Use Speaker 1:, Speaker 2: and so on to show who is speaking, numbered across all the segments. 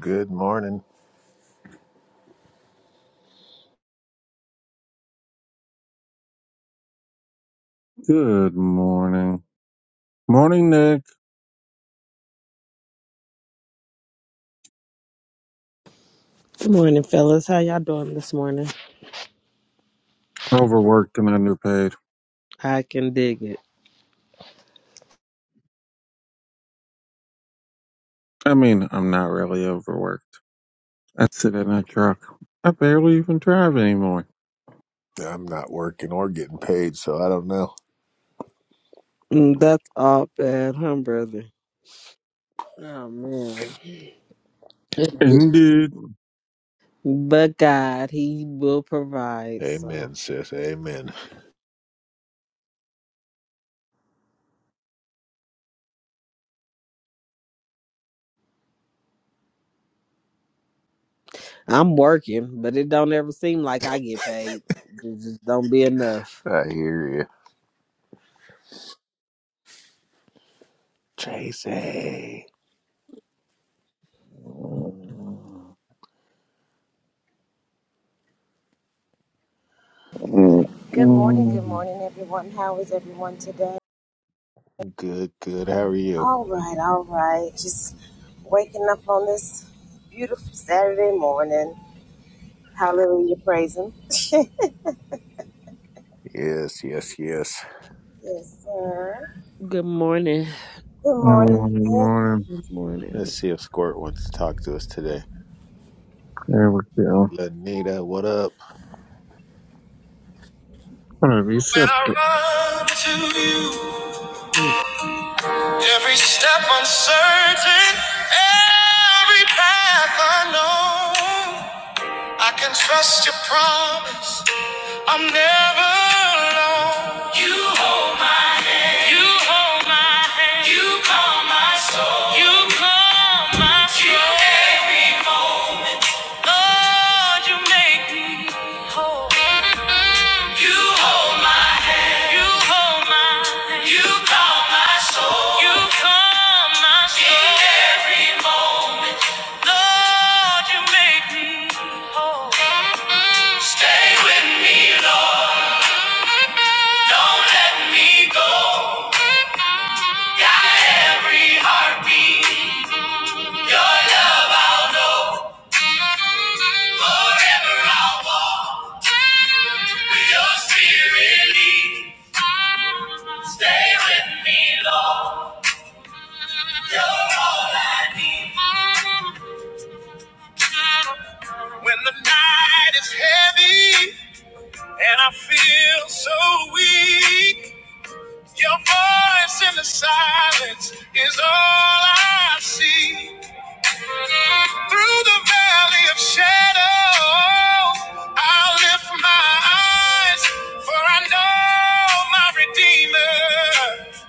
Speaker 1: Good morning.
Speaker 2: Good morning. Morning, Nick.
Speaker 3: Good morning, fellas. How y'all doing this morning?
Speaker 2: Overworked and underpaid.
Speaker 3: I can dig it.
Speaker 2: I mean, I'm not really overworked. I sit in a truck. I barely even drive anymore.
Speaker 1: I'm not working or getting paid, so I don't know.
Speaker 3: Mm, That's all bad, huh, brother? Oh man.
Speaker 2: Indeed.
Speaker 3: but God, He will provide.
Speaker 1: Amen,
Speaker 3: So
Speaker 1: sis. Amen.
Speaker 3: I'm working, but it don't ever seem like I get paid. It just don't be enough.
Speaker 1: I hear you. Tracy.
Speaker 2: Mm, mm,
Speaker 1: Good, good. How are you? Yes, yes, yes.
Speaker 3: Good morning.
Speaker 2: Morning, morning.
Speaker 3: Good
Speaker 1: Let's
Speaker 3: morning.
Speaker 1: see if Squirt wants to talk to us today.
Speaker 2: There we go.
Speaker 1: Lanita, what up?
Speaker 2: Whatever you
Speaker 4: When
Speaker 2: said.
Speaker 4: I run to you,
Speaker 1: Ooh.
Speaker 4: every step uncertain, every path unknown, I can trust your promise. I'm never alone. You hold my, you hold my hand. You calm my soul. You calm my soul. You carry my Lord, you make me whole. You hold my hand. You hold my hand. You calm my soul. You calm my soul. In every Lord, you make me stay with me, Lord. Don't let me go. Got every heartbeat. Your love I'll know. Forever I'll walk. Your spirit lead. Stay with me, Lord. When the night is heavy and I feel so weak, your voice in the silence is all I see. Through the valley of shadows, I'll lift my eyes, for I know my Redeemer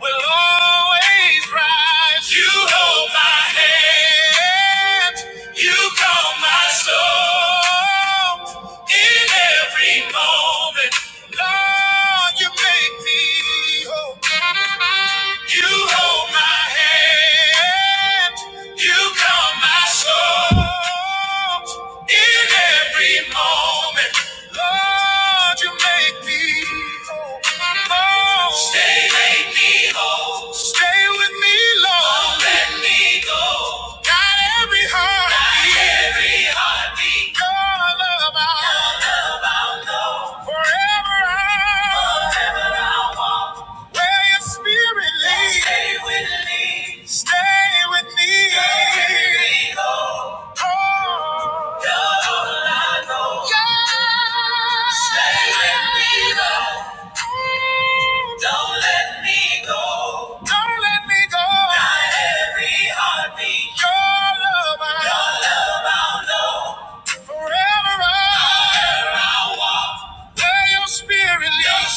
Speaker 4: will always rise. You hold my hand, you calm my soul in every moment. Lord, you make me whole. You hold my hand. You calm my soul in every moment. Lord, you make me whole. whole. Stay, make me whole. Stay with me, Lord. Don't let me go. Not every heart. Not every heartbeat. Your love, I Forever I Forever walk where your spirit leads. Stay with me. Stay with me.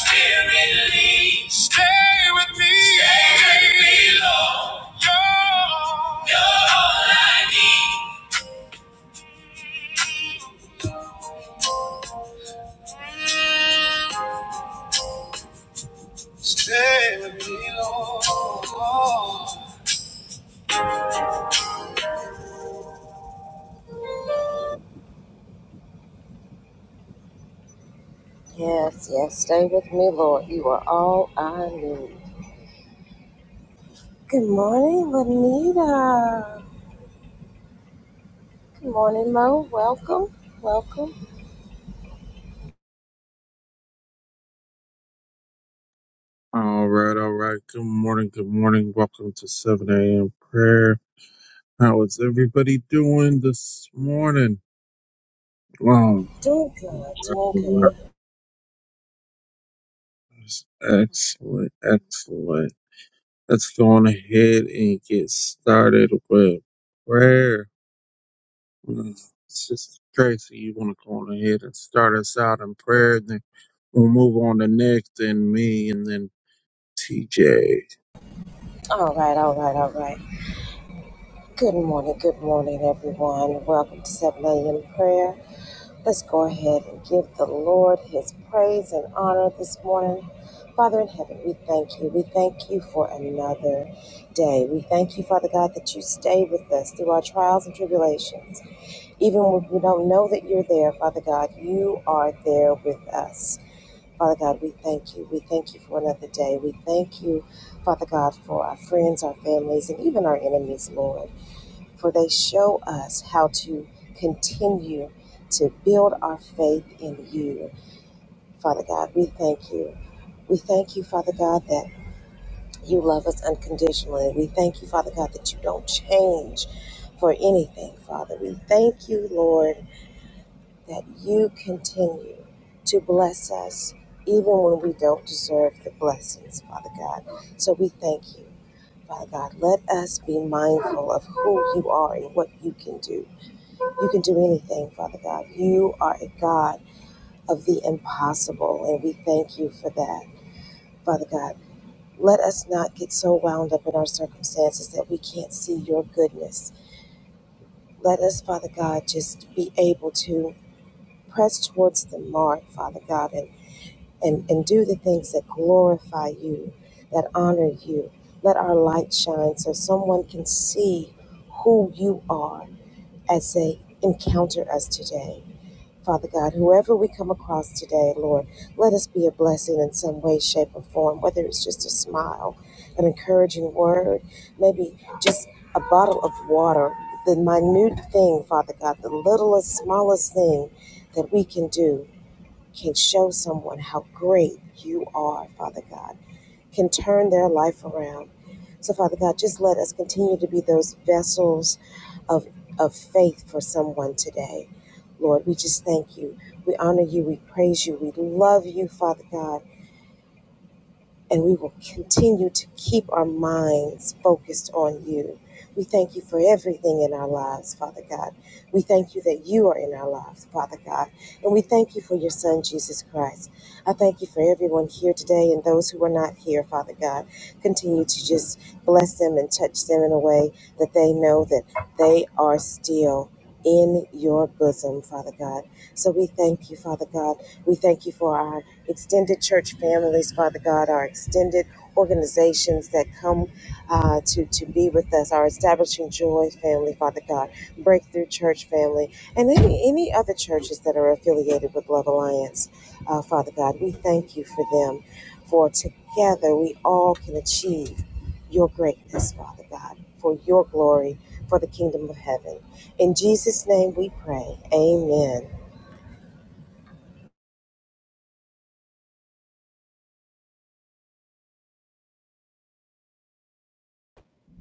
Speaker 4: Stay with me, Stay with me, Lord. You're, you're all I need. Stay with me, Lord.
Speaker 2: All right, all right. Good morning, good morning. Welcome to 7 a.m. prayer. How is everybody doing this morning? Wow. Excellent, excellent. Let's go on ahead and get started with prayer. Mm, Sister Tracy, you want to go on ahead and start us out in prayer, and then we'll move on to Nick, then me, and then TJ.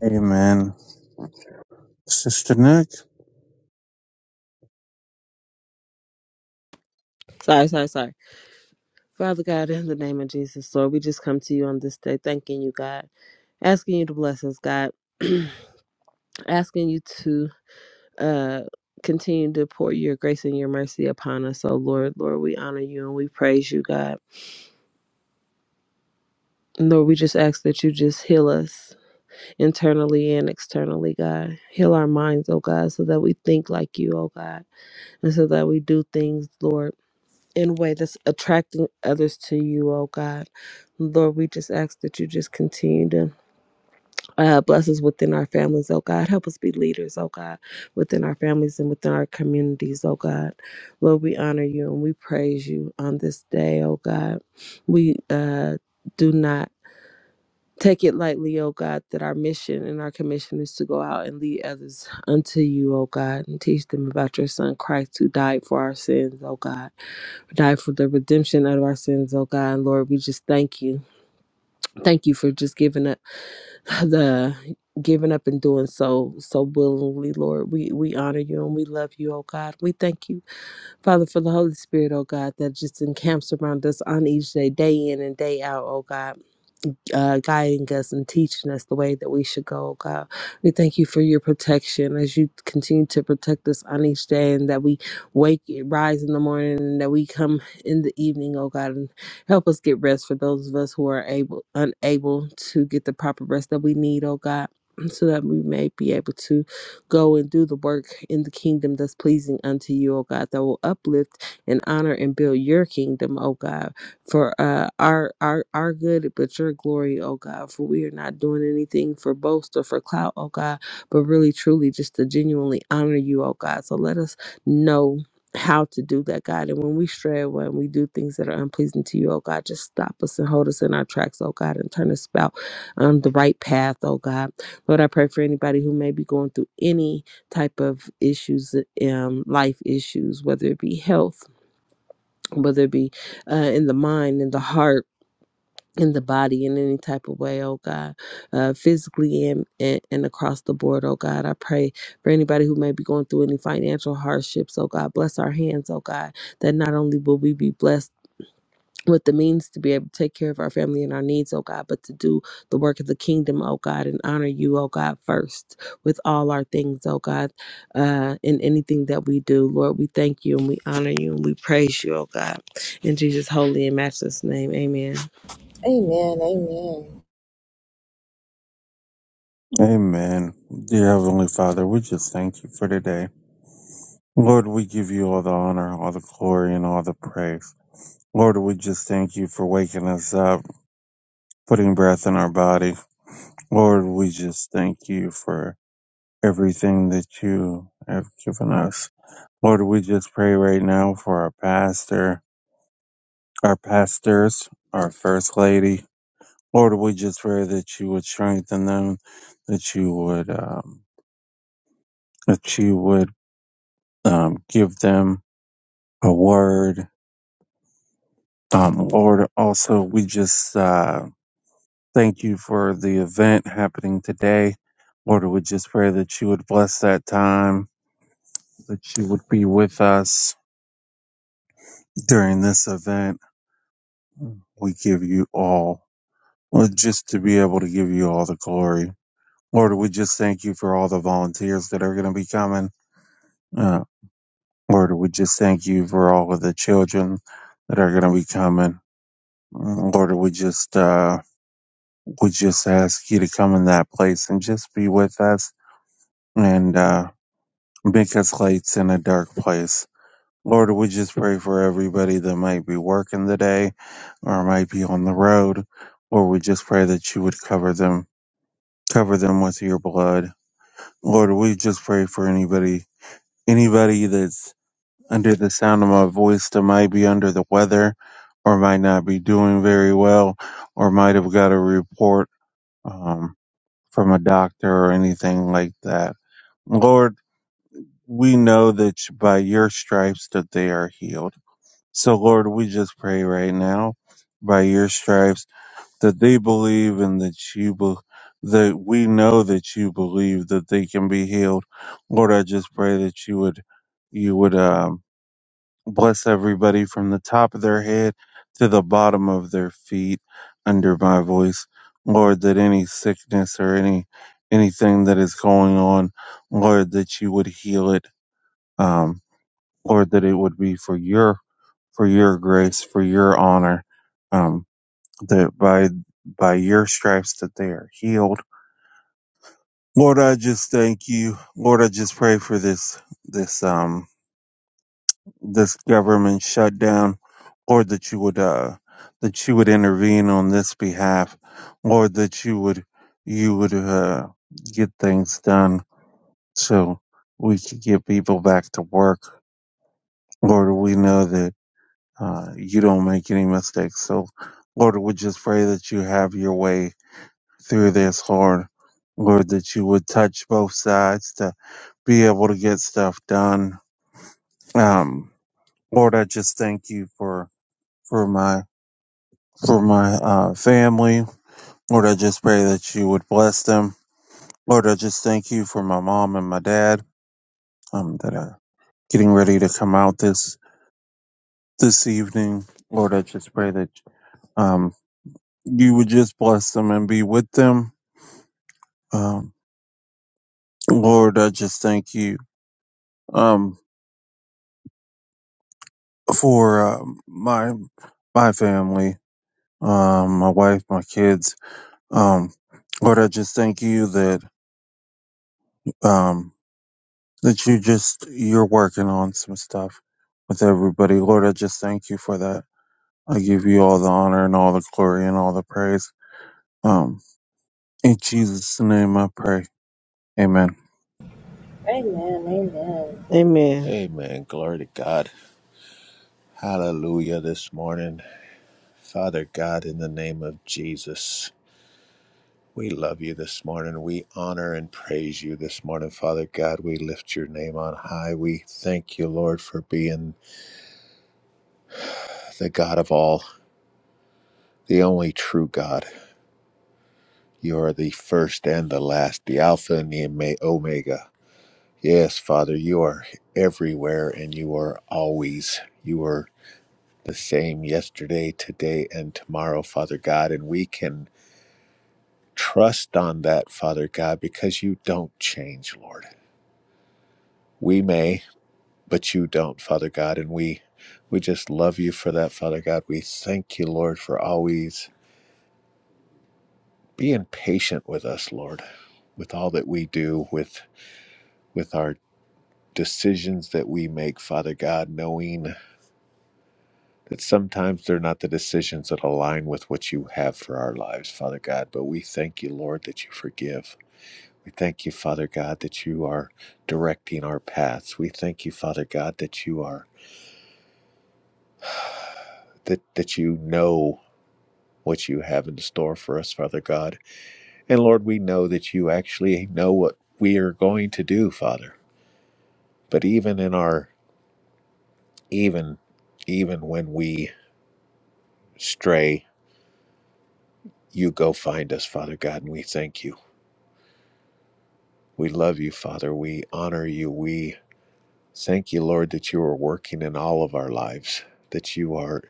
Speaker 2: Amen. Sister Nick,
Speaker 3: Sorry, sorry, sorry. Father God, in the name of Jesus, Lord, we just come to you on this day, thanking you, God, asking you to bless us, God, asking you to. uh continue to pour your grace and your mercy upon us. Oh Lord, Lord, we honor you and we praise you, God. And Lord, we just ask that you just heal us internally and externally, God. Heal our minds, oh God, so that we think like you, oh God, and so that we do things, Lord, in a way that's attracting others to you, oh God. Lord, we just ask that you just continue to Uh, bless us within our families, oh God. Help us be leaders, oh God, within our families and within our communities, oh God. Lord, we honor you and we praise you on this day, oh God. We uh, do not take it lightly, oh God, that our mission and our commission is to go out and lead others unto you, oh God, and teach them about your Son Christ who died for our sins, oh God, died for the redemption of our sins, oh God. And Lord, we just thank you. Thank you for just giving us. the giving up and doing so so willingly lord we we honor you and we love you oh god we thank you father for the holy spirit oh god that just encamps around us on each day day in and day out oh god uh, guiding us and teaching us the way that we should go, oh God. We thank you for your protection as you continue to protect us on each day and that we wake, rise in the morning, and that we come in the evening, oh God, and help us get rest for those of us who are able, unable to get the proper rest that we need, oh God. So that we may be able to go and do the work in the kingdom that's pleasing unto you, oh God, that will uplift and honor and build your kingdom, oh God for uh, our our our good, but your glory, oh God. For we are not doing anything for boast or for clout, oh God, but really truly just to genuinely honor you, oh God. So let us know how to do that, God. And when we stray, when we do things that are unpleasing to you, oh God, just stop us and hold us in our tracks, oh God, and turn us about on the right path, oh God. Lord, I pray for anybody who may be going through any type of issues, um, life issues, whether it be health whether it be uh, in the mind, in the heart, in the body, in any type of way, oh God, uh, physically and, and, and across the board, oh God. I pray for anybody who may be going through any financial hardships, oh God. Bless our hands, oh God, that not only will we be blessed with the means to be able to take care of our family and our needs, oh God, but to do the work of the kingdom, oh God, and honor you, oh God, first with all our things, oh God, uh, in anything that we do. Lord, we thank you and we honor you and we praise you, oh God. In Jesus' holy and matchless name, amen.
Speaker 2: amen. Dear Heavenly Father, we just thank you for today. Lord, we give you all the honor, all the glory, and all the praise. Lord, we just thank you for waking us up. putting breath in our body. Lord, we just thank you for everything that you have given us. Lord, we just pray right now for our pastor, our pastors, our first lady. Lord, we just pray that you would strengthen them, that you would, um, that you would um, give them a word. Um, Lord, also we just uh, Thank you for the event happening today. Lord, we just pray that you would bless that time, that you would be with us during this event. We give you all, Lord, just to be able to give you all the glory. Lord, we just thank you for all the volunteers that are going to be coming. Uh, Lord, we just thank you for all of the children that are going to be coming. Mm, Lord, we just uh, we just ask you to come in that place and just be with us and. uh, Because lights in a dark place. Lord, we just pray for everybody that might be working today or might be on the road. Lord, we just pray that you would cover them, cover them with your blood. Lord, we just pray for anybody, anybody that's under the sound of my voice that might be under the weather or might not be doing very well or might have got a report um, from a doctor or anything like that. Lord, we know that by your stripes that they are healed. So, Lord, we just pray right now by your stripes that they believe and that you be- that we know that you believe that they can be healed. Lord, I just pray that you would you would um, bless everybody from the top of their head to the bottom of their feet under my voice. Lord, that any sickness or any anything that is going on, Lord, that you would heal it. Um, Lord, that it would be for your for your grace, for your honor, um, that by by your stripes that they are healed. Lord, I just thank you. Lord, I just pray for this this um this government shutdown. Lord, that you would uh that you would intervene on this behalf. Lord, that you would you would uh get things done so we could get people back to work. Lord, we know that uh, you don't make any mistakes. So, Lord, we just pray that you have your way through this, Lord. Lord, that you would touch both sides to be able to get stuff done. Um, Lord, I just thank you for for my for my uh, family. Lord, I just pray that you would bless them. Lord, I just thank you for my mom and my dad um, that are getting ready to come out this this evening. Lord, I just pray that um, you would just bless them and be with them. Um, Lord, I just thank you um, for uh, my my family, um, my wife, my kids. Um, Lord, I just thank you that um, that you just you're working on some stuff with everybody. Lord, I just thank you for that. I give you all the honor and all the glory and all the praise. Um, in Jesus' name, I pray. Amen.
Speaker 3: Amen.
Speaker 1: Amen. Glory to God. Hallelujah this morning. Father God, in the name of Jesus. We love you this morning. We honor and praise you this morning, Father God. We lift your name on high. We thank you, Lord, for being the God of all, the only true God. You are the first and the last, the Alpha and the Omega. Yes, Father, you are everywhere and you are always. You are the same yesterday, today, and tomorrow, Father God. And we can trust on that, Father God, because you don't change, Lord. We may. but you don't, Father God. And we we just love you for that, Father God. We thank you, Lord, for always being patient with us, Lord, with all that we do, with with our decisions that we make, Father God, knowing that sometimes they're not the decisions that align with what you have for our lives, Father God. But we thank you, Lord, that you forgive. We thank you, Father God, that you are directing our paths. We thank you, Father God, that you are that that you know what you have in store for us, Father God. And Lord, we know that you actually know what we are going to do, Father. But even in our, even, even when we stray, you go find us, Father God, and we thank you. We love you, Father. We honor you. We thank you, Lord, that you are working in all of our lives, that you are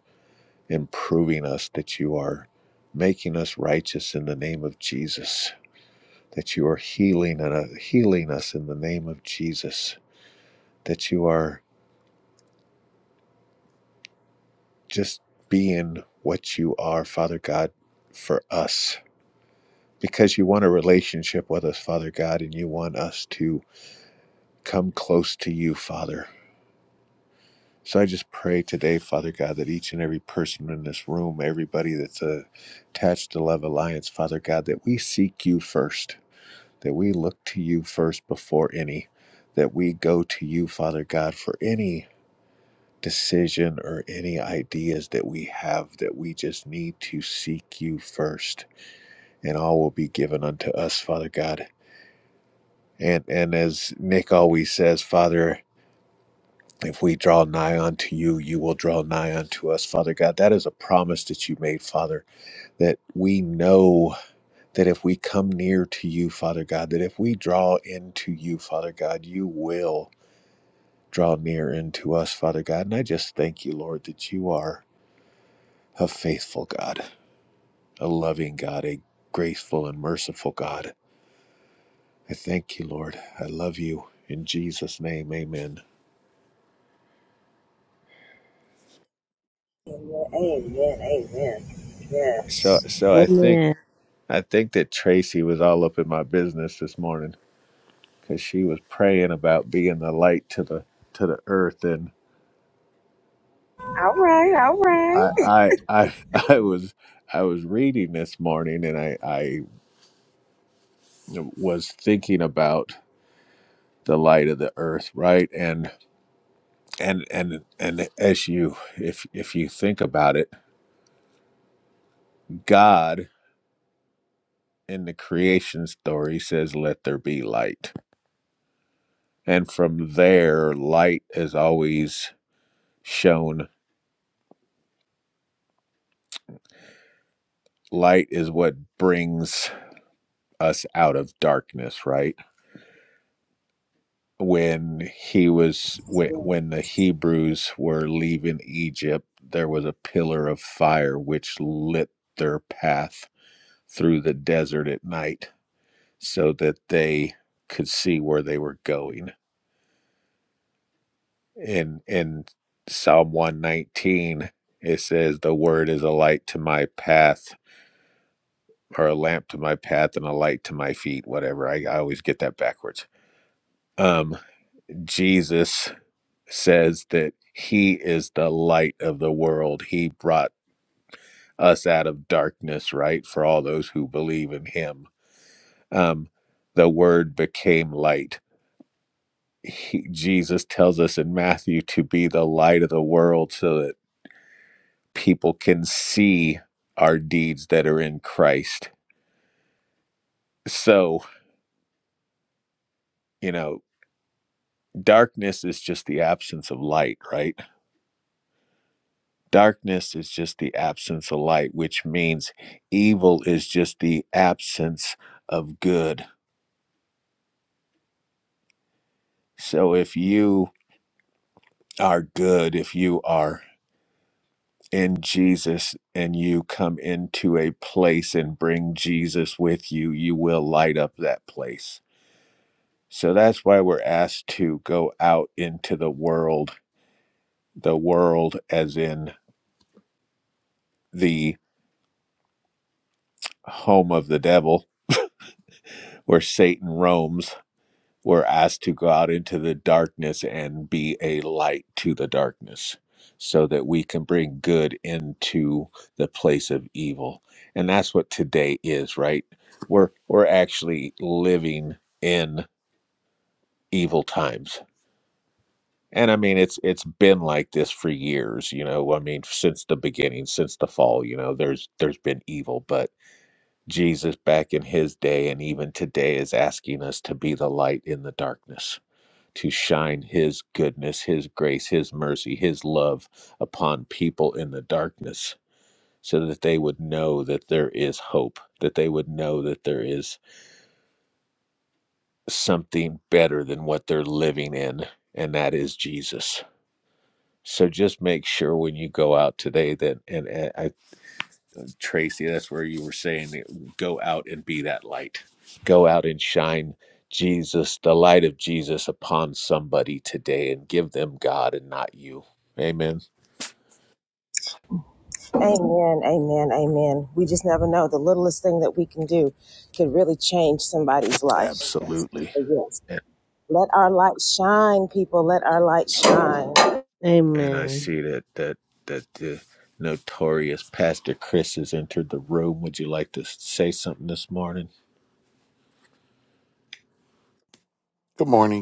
Speaker 1: improving us, that you are making us righteous in the name of Jesus, that you are healing and uh, healing us in the name of Jesus that you are just being what you are, Father God, for us. Because you want a relationship with us, Father God, and you want us to come close to you, Father. So I just pray today, Father God, that each and every person in this room, everybody that's uh, attached to Love Alliance, Father God, that we seek you first, that we look to you first before any, that we go to you, Father God, for any decision or any ideas that we have that we just need to seek you first and all will be given unto us father god and and as nick always says father if we draw nigh unto you you will draw nigh unto us father god that is a promise that you made father that we know that if we come near to you father god that if we draw into you father god you will draw near into us father god and i just thank you lord that you are a faithful god a loving God, a graceful and merciful God. I thank you, Lord. I love you in Jesus' name. Amen. So, so I think
Speaker 3: Amen.
Speaker 1: I think that Tracy was all up in my business this morning because she was praying about being the light to the to the earth, and I I I, I was I was reading this morning, and I I was thinking about the light of the earth, right? And and and and as you if if you think about it, God in the creation story says, Let there be light. And from there, light is always shown. Light is what brings us out of darkness, right? When he was, when, when the Hebrews were leaving Egypt, there was a pillar of fire which lit their path through the desert at night so that they could see where they were going in in Psalm 119 it says the word is a light to my path or a lamp to my path and a light to my feet whatever I, I always get that backwards um Jesus says that he is the light of the world he brought us out of darkness right for all those who believe in him um the word became light he, Jesus tells us in Matthew to be the light of the world so that people can see our deeds that are in Christ. So, you know, darkness is just the absence of light, right? Darkness is just the absence of light, which means evil is just the absence of good. So if you are good, if you are in Jesus and you come into a place and bring Jesus with you, you will light up that place. So that's why we're asked to go out into the world the world as in the home of the devil where satan roams were asked to go out into the darkness and be a light to the darkness so that we can bring good into the place of evil and that's what today is right we're we're actually living in evil times and i mean it's it's been like this for years you know i mean since the beginning since the fall you know there's there's been evil but Jesus back in his day and even today is asking us to be the light in the darkness, to shine his goodness, his grace, his mercy, his love upon people in the darkness so that they would know that there is hope, that they would know that there is something better than what they're living in, and that is Jesus. So just make sure when you go out today that, and, and I. Tracy, that's where you were saying that go out and be that light. Go out and shine Jesus, the light of Jesus upon somebody today and give them God and not you. Amen. Absolutely. And, and I
Speaker 3: Amen.
Speaker 1: see that that that the notorious Pastor Chris has entered the room. Would you like to say something this morning?
Speaker 5: Good morning.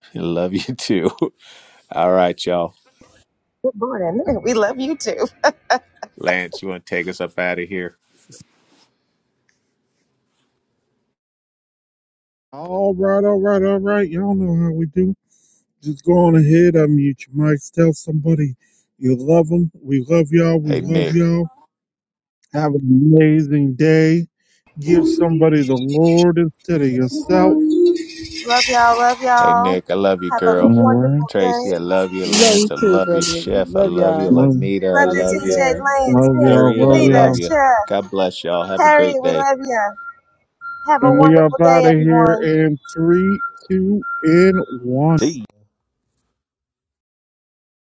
Speaker 1: I love you too. All right, y'all. Lance, you want to take us up out of here?
Speaker 2: All right, all right, all right. Y'all know how we do. Just go on ahead, unmute your mics, tell somebody you love them. We love y'all. We
Speaker 1: Hey,
Speaker 2: love
Speaker 1: Nick.
Speaker 2: y'all. Have an amazing day. Give somebody the Lord instead of yourself.
Speaker 1: Hey Nick, I love you,
Speaker 2: All
Speaker 1: girl.
Speaker 2: right.
Speaker 1: Tracy, I love you.
Speaker 3: Love you
Speaker 1: Lance, I
Speaker 3: too,
Speaker 1: love you.
Speaker 3: brother.
Speaker 1: Chef, I
Speaker 3: Love
Speaker 1: love you.
Speaker 3: y'all.
Speaker 2: Love,
Speaker 1: Lanita, I
Speaker 3: Have a
Speaker 1: love
Speaker 3: good
Speaker 1: you.
Speaker 3: day.
Speaker 2: love y'all.
Speaker 1: Harriet, I
Speaker 2: Love
Speaker 1: love
Speaker 2: y'all.
Speaker 1: you. God bless y'all. Have a great day.
Speaker 2: And we up out of here in three, two, and one.
Speaker 1: See ya.